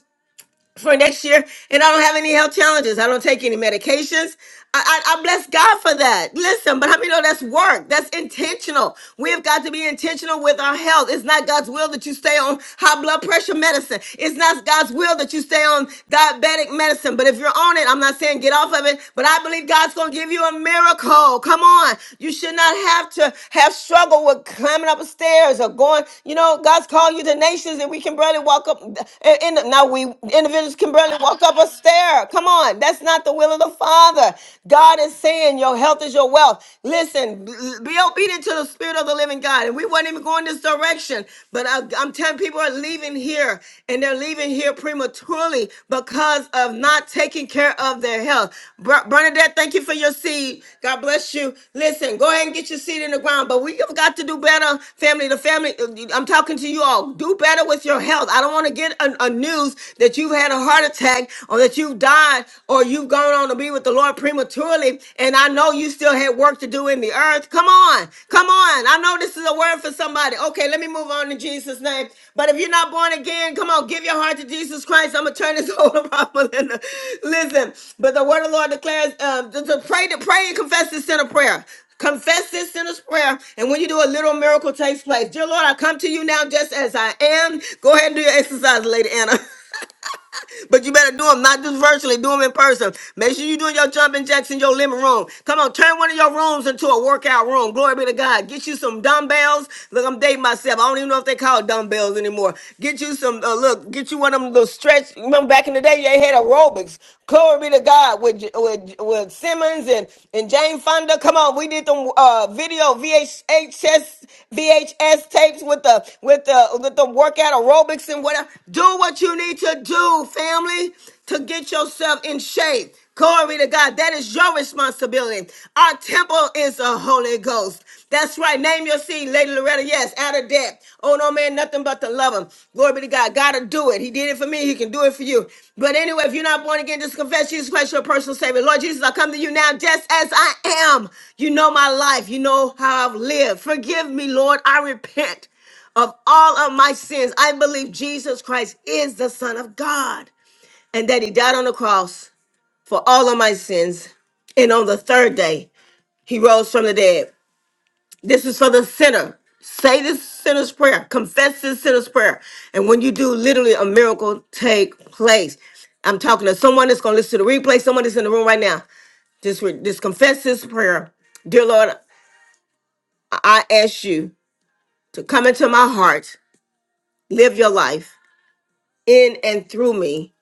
for next year, and I don't have any health challenges. I don't take any medications. I, I, I bless God for that. Listen, but how many know that's work? That's intentional. We've got to be intentional with our health. It's not God's will that you stay on high blood pressure medicine. It's not God's will that you stay on diabetic medicine. But if you're on it, I'm not saying get off of it, but I believe God's going to give you a miracle. Come on. You should not have to have struggle with climbing up a stairs or going, you know, God's called you to nations and we can barely walk up in the, now we in individuals can barely walk up a stair. Come on, that's not the will of the Father. God is saying your health is your wealth. Listen, be obedient to the Spirit of the living God. And we weren't even going this direction, but I, I'm telling people are leaving here and they're leaving here prematurely because of not taking care of their health. Br- Bernadette, thank you for your seed. God bless you. Listen, go ahead and get your seed in the ground, but we've got to do better, family. The family, I'm talking to you all. Do better with your health. I don't want to get a, a news that you've had a heart attack or that you've died or you've gone on to be with the Lord prematurely. And I know you still had work to do in the earth. Come on. Come on. I know this is a word for somebody. Okay, let me move on in Jesus' name. But if you're not born again, come on, give your heart to Jesus Christ. I'm going to turn this <laughs> over to in Listen, but the word of the Lord declares um, to, to pray to pray and confess this sin of prayer. Confess this sinner's prayer, and when you do, a little miracle takes place. Dear Lord, I come to you now just as I am. Go ahead and do your exercise, Lady Anna. <laughs> But you better do them, not just virtually, do them in person. Make sure you're doing your jumping jacks in your living room. Come on, turn one of your rooms into a workout room. Glory be to God. Get you some dumbbells. Look, I'm dating myself. I don't even know if they call it dumbbells anymore. Get you some, uh, look, get you one of them little stretch. Remember back in the day, they had aerobics. Glory be to God with, with, with Simmons and, and Jane Fonda. Come on, we did them uh, video VHS VHS tapes with the with the with the workout aerobics and whatever. Do what you need to do, fam family to get yourself in shape. Glory to God. That is your responsibility. Our temple is the Holy Ghost. That's right. Name your seed, Lady Loretta. Yes, out of debt. Oh no, man, nothing but to love him. Glory be to God. Gotta do it. He did it for me. He can do it for you. But anyway, if you're not born again, just confess Jesus Christ, your personal Savior. Lord Jesus, I come to you now just as I am. You know my life. You know how I've lived. Forgive me, Lord. I repent of all of my sins. I believe Jesus Christ is the Son of God and that he died on the cross for all of my sins. And on the third day, he rose from the dead. This is for the sinner. Say this sinner's prayer. Confess this sinner's prayer. And when you do, literally a miracle take place. I'm talking to someone that's going to listen to the replay, someone that's in the room right now. Just, re- just confess this prayer. Dear Lord, I I ask you to come into my heart, live your life in and through me.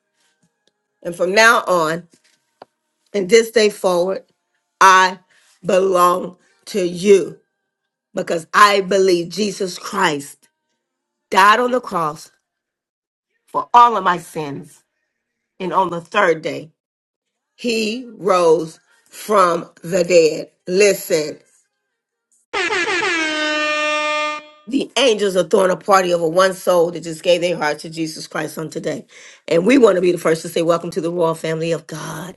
And from now on, and this day forward, I belong to you because I believe Jesus Christ died on the cross for all of my sins. And on the third day, he rose from the dead. Listen, the angels are throwing a party over one soul that just gave their heart to Jesus Christ on today. And we want to be the first to say, Welcome to the royal family of God.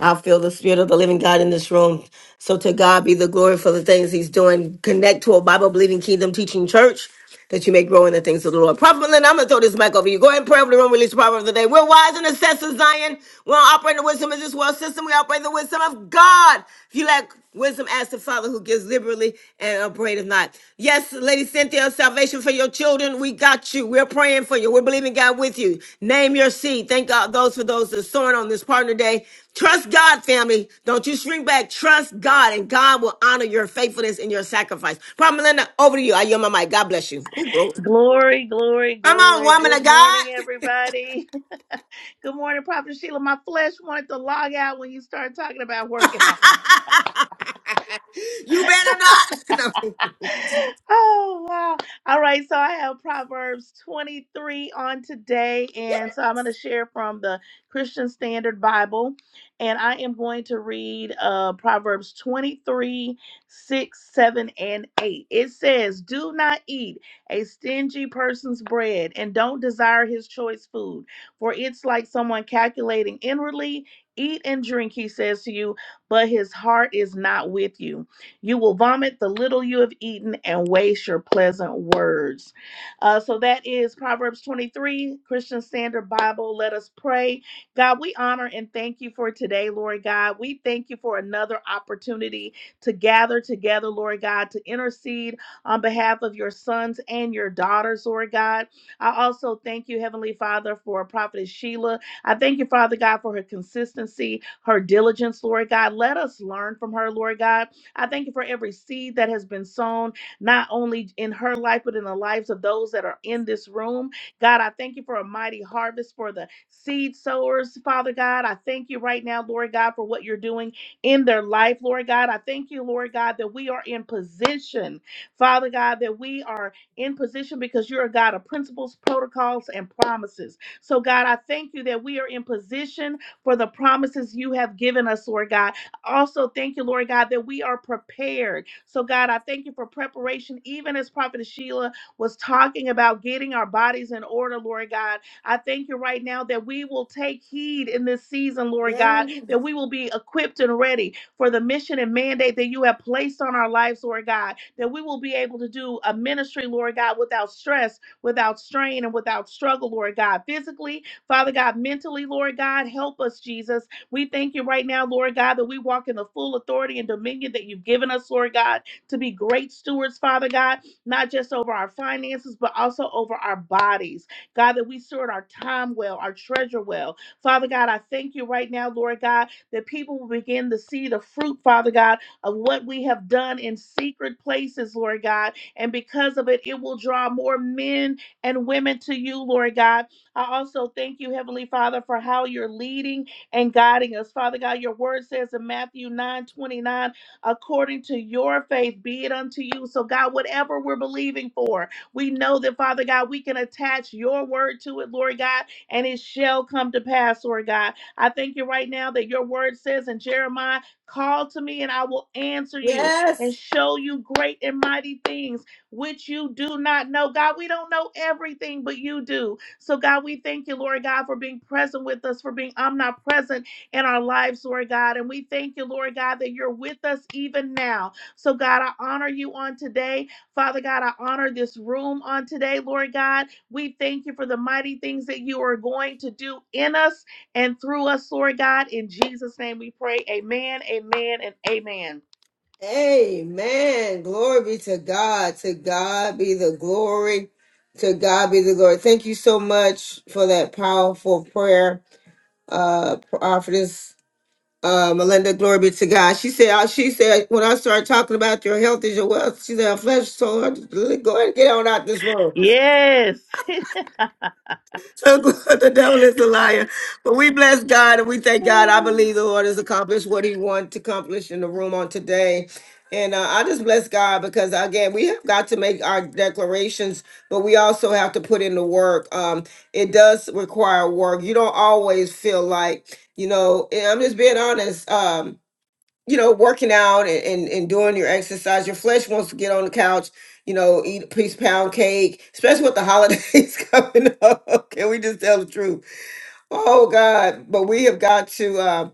I feel the spirit of the living God in this room. So to God be the glory for the things he's doing. Connect to a Bible believing kingdom teaching church that you may grow in the things of the Lord. Prophet Melinda, I'm going to throw this mic over you. Go ahead and pray over the room, release the proverb of the day. We're wise and assessors, Zion. We don't operate in the wisdom of this world system. We operate in the wisdom of God. If you lack Wisdom as the Father who gives liberally and upbraideth not. Yes, Lady Cynthia, salvation for your children. We got you. We're praying for you. We're believing God with you. Name your seed. Thank God those for those that are sowing on this partner day. Trust God, family. Don't you shrink back. Trust God, and God will honor your faithfulness and your sacrifice. Prophet Melinda, over to you. I yield my mic. God bless you. Ooh.
glory, glory,
Come on,
glory.
woman
Good
of God.
morning, everybody. <laughs> Good morning, Prophet Sheila. My flesh wanted to log out when you started talking about
<laughs>
working out.
you better not. <laughs>
oh wow. All right, so I have Proverbs 23 on today and so I'm going to share from the Christian Standard Bible and I am going to read uh Proverbs 23 six, 7 and 8. It says, "Do not eat a stingy person's bread and don't desire his choice food, for it's like someone calculating inwardly, eat and drink," he says to you, "but his heart is not with you." You will vomit the little you have eaten and waste your pleasant words. Uh, so that is Proverbs 23, Christian Standard Bible. Let us pray. God, we honor and thank you for today, Lord God. We thank you for another opportunity to gather together, Lord God, to intercede on behalf of your sons and your daughters, Lord God. I also thank you, Heavenly Father, for Prophetess Sheila. I thank you, Father God, for her consistency, her diligence, Lord God. Let us learn from her, Lord God. I thank you for every seed that has been sown, not only in her life, but in the lives of those that are in this room. God, I thank you for a mighty harvest for the seed sowers, Father God. I thank you right now, Lord God, for what you're doing in their life, Lord God. I thank you, Lord God, that we are in position, Father God, that we are in position because you're a God of principles, protocols, and promises. So, God, I thank you that we are in position for the promises you have given us, Lord God also, thank you, Lord God, that we are prepared. So, God, I thank you for preparation, even as Prophet Sheila was talking about getting our bodies in order, Lord God. I thank you right now that we will take heed in this season, Lord God, that we will be equipped and ready for the mission and mandate that you have placed on our lives, Lord God, that we will be able to do a ministry, Lord God, without stress, without strain, and without struggle, Lord God, physically, Father God, mentally, Lord God, help us, Jesus we thank you right now, Lord God, that we walk in the full authority and dominion that you've given us, Lord God, to be great stewards, Father God, not just over our finances, but also over our bodies. God, that we steward our time well, our treasure well. Father God, I thank you right now, Lord God, that people will begin to see the fruit, Father God, of what we have done in secret places, Lord God. And because of it, it will draw more men and women to you, Lord God. I also thank you, Heavenly Father, for how you're leading and guiding us. Father God, your word says in Matthew 9 29, according to your faith, be it unto you. So, God, whatever we're believing for, we know that, Father God, we can attach your word to it, Lord God, and it shall come to pass, Lord God. I thank you right now that your word says in Jeremiah, call to me and I will answer you
Yes.
and show you great and mighty things which you do not know. God, we don't know everything, but you do. So, God, we thank you, Lord God, for being present with us, for being omnipresent in our lives, Lord God. And we thank you, Lord God, that you're with us even now. So, God, I honor you on today. Father God, I honor this room on today, Lord God. We thank you for the mighty things that you are going to do in us and through us, Lord God. In Jesus' name we pray. Amen, amen, and amen.
Amen. Glory be to God. To God be the glory. To God be the glory. Thank you so much for that powerful prayer, uh, prophetess uh, Melinda. Glory be to God. She said, uh, she said, when I started talking about your health is your wealth, she said, "Our flesh told her, to go ahead and get on out this room.
Yes.
So <laughs> the devil is a liar. But we bless God and we thank God. I
<laughs>
believe the Lord has accomplished what he wanted to accomplish in the room on today. And uh, I just bless God because again, we have got to make our declarations, but we also have to put in the work. Um, it does require work. You don't always feel like, you know, and I'm just being honest. Um, you know, working out and, and, and doing your exercise, your flesh wants to get on the couch, you know, eat a piece of pound cake, especially with the holidays <laughs> coming up. Can we just tell the truth? Oh God. But we have got to uh,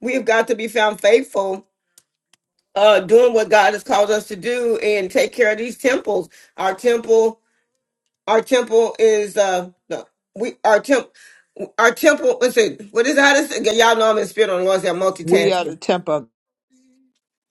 we have got to be found faithful, uh, doing what God has called us to do and take care of these temples. Our temple, our temple is uh no, we our temp, our temple, let's see, what is that? Y'all know I'm in spirit on the Lord, I'm
We are
multitasking
the temple of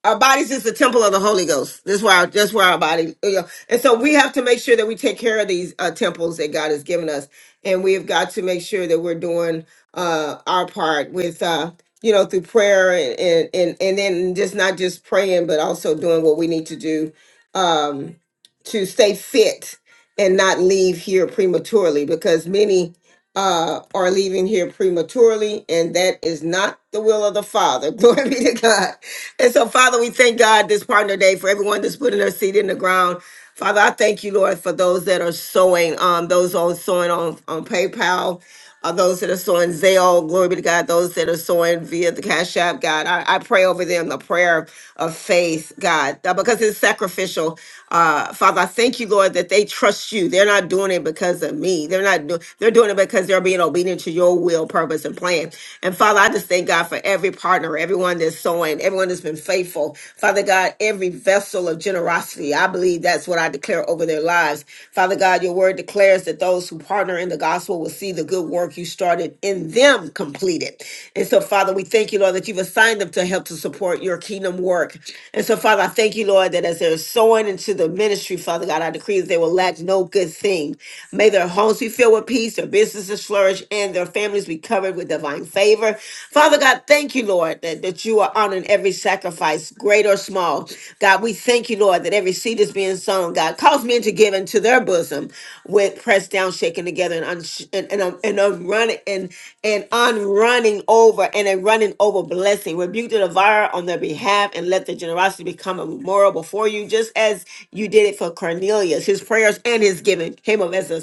our bodies is the temple of the Holy Ghost. This is where our, that's where our body, you know. and so we have to make sure that we take care of these uh, temples that God has given us, and we have got to make sure that we're doing uh, our part with, uh, you know, through prayer and, and and and then just not just praying, but also doing what we need to do um, to stay fit and not leave here prematurely, because many uh are leaving here prematurely and that is not the will of the father <laughs> glory be to god and so, Father, we thank God this partner day for everyone that's putting their seed in the ground. Father, I thank you, Lord, for those that are sowing, um, those on sowing on, on PayPal uh, those that are sowing Zelle, glory be to God, those that are sowing via the Cash App, God. I, I pray over them the prayer of faith, God, uh, because it's sacrificial. Uh, Father, I thank you, Lord, that they trust you. They're not doing it because of me. They're not doing they're doing it because they're being obedient to your will, purpose, and plan. And Father, I just thank God for every partner, everyone that's sowing, everyone that's been faithful. Father God, every vessel of generosity. I believe that's what I declare over their lives. Father God, your word declares declares that those who partner in the gospel will see the good work you started in them completed. And so, Father, we thank you, Lord, that you've assigned them to help to support your kingdom work. And so, Father, I thank you, Lord, that as they're sowing into the ministry, Father God, I decree that they will lack no good thing. May their homes be filled with peace, their businesses flourish, and their families be covered with divine favor. Father God, thank you, Lord, that, that you are honoring every sacrifice, great or small. God, we thank you, Lord, that every seed is being sown. God, God. Cause men to give into their bosom with pressed down, shaken together, and unsh- and and, um, and um, running and and on running over and a running over blessing. Rebuke the devourer on their behalf and let the generosity become a memorial before you, just as you did it for Cornelius. His prayers and his giving came up as a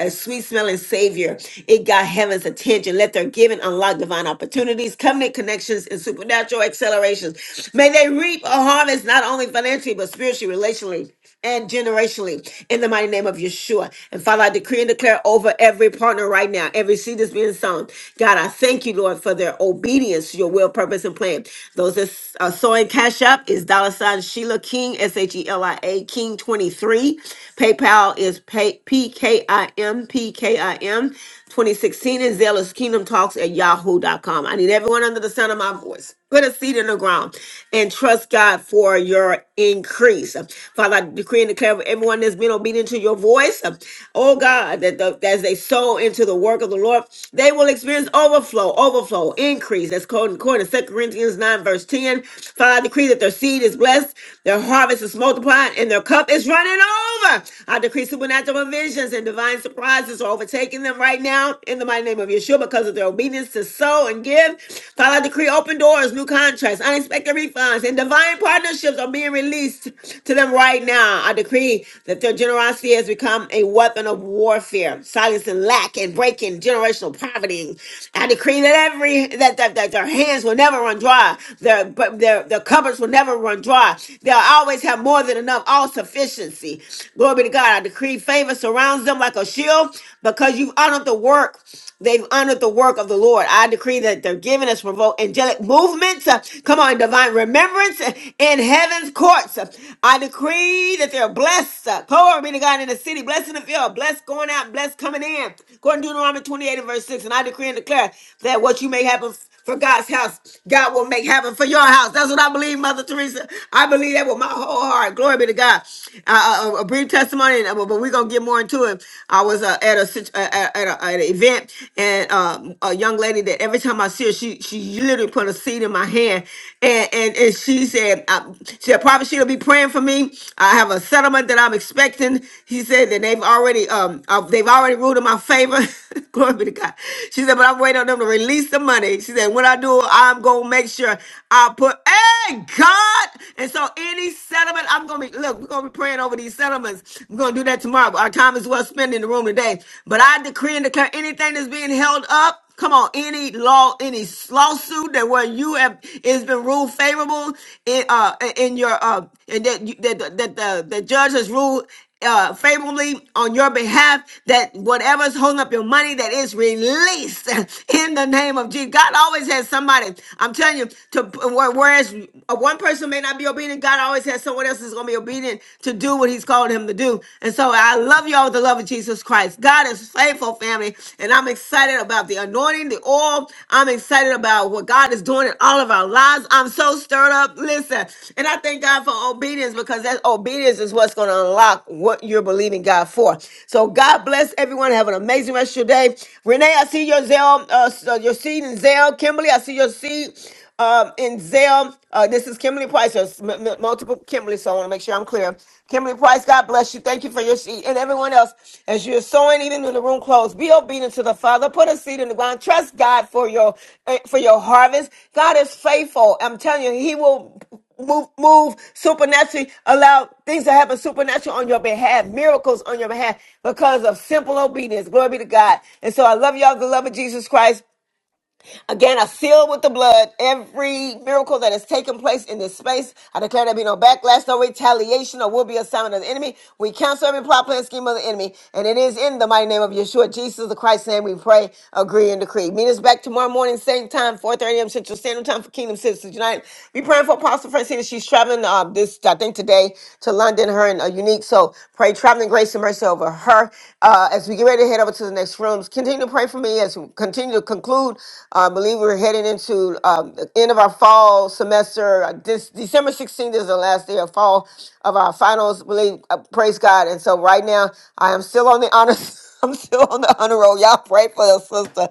a sweet smelling savior. It got heaven's attention. Let their giving unlock divine opportunities, covenant connections, and supernatural accelerations. May they reap a harvest not only financially but spiritually, relationally and generationally in the mighty name of Yeshua. And Father, I decree and declare over every partner right now, every seed that's being sown. God, I thank you, Lord, for their obedience to your will, purpose, and plan. Those that are sowing cash up is dollar sign Sheila King, S H E L I A, King 23. PayPal is pay, P K I M, P K I M 2016, and Zealous Kingdom Talks at Yahoo dot com. I need everyone under the sound of my voice Put a seed in the ground and trust God for your increase. Father, I decree and declare for everyone that's been obedient to your voice. Oh God, that the, as they sow into the work of the Lord, they will experience overflow, overflow, increase. That's called according to Second Corinthians 9, verse 10. Father, I decree that their seed is blessed, their harvest is multiplied, and their cup is running over. I decree supernatural visions and divine surprises are overtaking them right now in the mighty name of Yeshua because of their obedience to gifts to sow and give. Father, I decree open doors, new contracts, unexpected refunds, and divine partnerships are being released to them right now. I decree that their generosity has become a weapon of warfare, silencing lack and breaking generational poverty. I decree that every that, that, that their hands will never run dry, their but their their cupboards will never run dry. They'll always have more than enough, all sufficiency. Glory be to God. I decree favor surrounds them like a shield because you've honored the work. They've honored the work of the Lord. I decree that they're giving us provoke angelic movements. uh, come on, divine remembrance uh, in heaven's courts. Uh, I decree that they're blessed. uh, glory be to God in the city, blessed in the field, blessed going out, blessed coming in. According to Deuteronomy 28 and verse 6. And I decree and declare that what you may happen for God's house, God will make heaven for your house. That's what I believe, Mother Teresa. I believe that with my whole heart. Glory be to God. Uh, uh, a brief testimony, and- but we're gonna get more into it. I was uh, at a sit- uh, at, at, a, at an event, and um, a young lady that every time I see her, she she literally put a seed in my hand, and and, and she said, um, she said, probably she'll be praying for me. I have a settlement that I'm expecting. He said that they've already um uh, they've already ruled in my favor. <laughs> Glory be to God. She said, but I'm waiting on them to release the money always. She said, when I do, I'm going to make sure I put, hey, God. And so any settlement, I'm going to be, look, we're going to be praying over these settlements. We're going to do that tomorrow. Our time is well spent in the room today. But I decree and declare anything that's being held up, Come on, any law, any lawsuit that where you have it's been ruled favorable in uh in your uh and that you, that that the, the judge has ruled uh, favorably on your behalf that whatever's holding up your money that is released <laughs> in the name of Jesus. God always has somebody. I'm telling you, to where- whereas one person may not be obedient, God always has someone else that's going to be obedient to do what He's called him to do. And so I love y'all with the love of Jesus Christ. God is faithful, family, and I'm excited about the anointing, the oil. I'm excited excited about what God is doing in all of our lives. I'm so stirred up. Listen, and I thank God for obedience because that obedience is what's going to unlock what you're believing God for. So God bless everyone. Have an amazing rest of your day. Renee, I see your zeal, uh, s- uh, your seed in zeal. Kimberly, I see your seed. Um, in Zell, uh, this is Kimberly Price, there's m- m- multiple Kimberly, so I want to make sure I'm clear. Kimberly Price, God bless you. Thank you for your seed. And everyone else, as you're sowing, even in the room closed, be obedient to the Father. Put a seed in the ground. Trust God for your eh, for your harvest. God is faithful. I'm telling you, He will move move supernaturally allow things to happen supernatural on your behalf miracles on your behalf because of simple obedience glory be to god and so i love y'all the love of jesus christ Again, I seal with the blood every miracle that has taken place in this space. I declare there be no backlash, no retaliation, or will be a assignment of the enemy. We cancel every plot, plan, scheme of the enemy. And it is in the mighty name of Yeshua, Jesus the Christ's name, we pray, agree, and decree. Meet us back tomorrow morning, same time, 4.30 a.m. Central Standard Time for Kingdom Citizens United. Be praying for Apostle Francina. She's traveling uh, this, I think, today to London, her and uh, Unique. So pray traveling grace and mercy over her. Uh, as we get ready to head over to the next rooms, continue to pray for me as we continue to conclude. Uh, I believe we're heading into um, the end of our fall semester. Uh, This December 16th is the last day of fall of our finals. Believe, uh, praise God. And so right now, I am still on the honors. <laughs> I'm still on the honor roll. Y'all pray for your sister.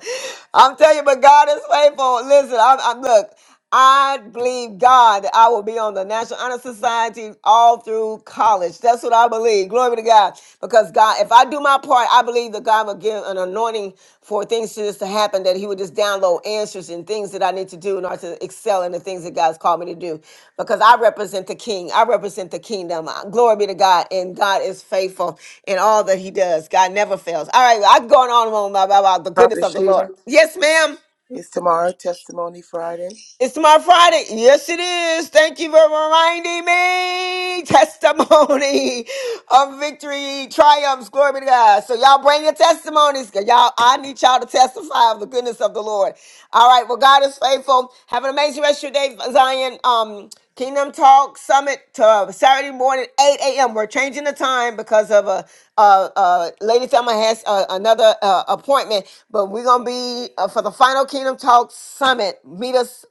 I'm telling you, but God is faithful. Listen, I'm, I'm look. I believe God that I will be on the National Honor Society all through college. That's what I believe. Glory to God. Because God, if I do my part, I believe that God will give an anointing for things to just to happen, that He would just download answers and things that I need to do in order to excel in the things that God's called me to do. Because I represent the King. I represent the kingdom. Uh, Glory be to God. And God is faithful in all that He does. God never fails. All right, I'm going on and on about about the goodness
Prophet
of the Lord.
Sheila,
Yes, ma'am.
it's tomorrow, Testimony Friday.
It's my Friday. Yes, it is. Thank you for reminding me. Testimony <laughs> of victory, triumphs, glory be to God. So y'all bring your testimonies. 'cause Y'all, I need y'all to testify of the goodness of the Lord. All right. Well, God is faithful. Have an amazing rest of your day, Zion. Um, Kingdom Talk Summit to Saturday morning, 8 a.m. We're changing the time because of a, uh uh Lady Thelma has uh another uh, appointment, but we're going to be uh, for the final Kingdom Talk Summit. Meet us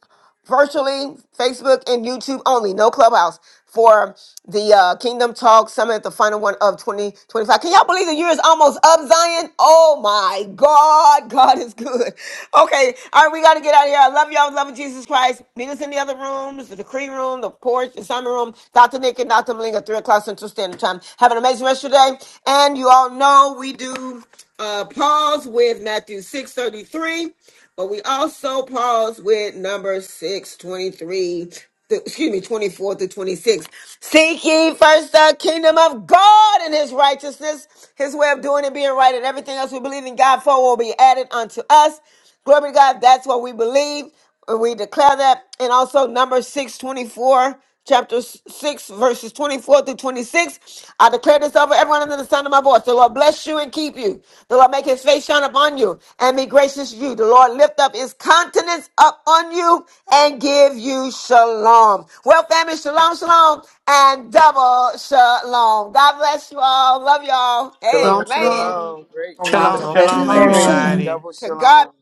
virtually, Facebook and YouTube only, no clubhouse for the uh, Kingdom Talk Summit, the final one of 2025. Can y'all believe the year is almost up, Zion? Oh my God, <laughs> God is good. Okay, all right, we got to get out of here. I love y'all, love of Jesus Christ. Meet us in the other rooms, the decree room, the porch, the summer room, Dr. Nick and Dr. Malinga, 3 o'clock Central Standard Time. Have an amazing rest of your day. And you all know we do uh, pause with Matthew 6:33, but we also pause with number 623. Excuse me, 24 through 26. Seek ye first the kingdom of God and his righteousness, his way of doing and being right, and everything else we believe in God for will be added unto us. Glory to God. That's what we believe. and We declare that. And also number 624, chapter s- 6, verses 24 through 26. I declare this over everyone under the sound of my voice. The Lord bless you and keep you. The Lord make his face shine upon you and be gracious to you. The Lord lift up his countenance up on you and give you shalom. Well, family, shalom, shalom, and double shalom. God bless you all. Love y'all.
Shalom,
Shalom,
Amen.
shalom.
shalom. Great
Mount
Shalom,
of
room.
Shalom,
shalom,
Blessed
Shalom,
Every
shalom.
shalom.
everybody.
Double
To God.
shalom.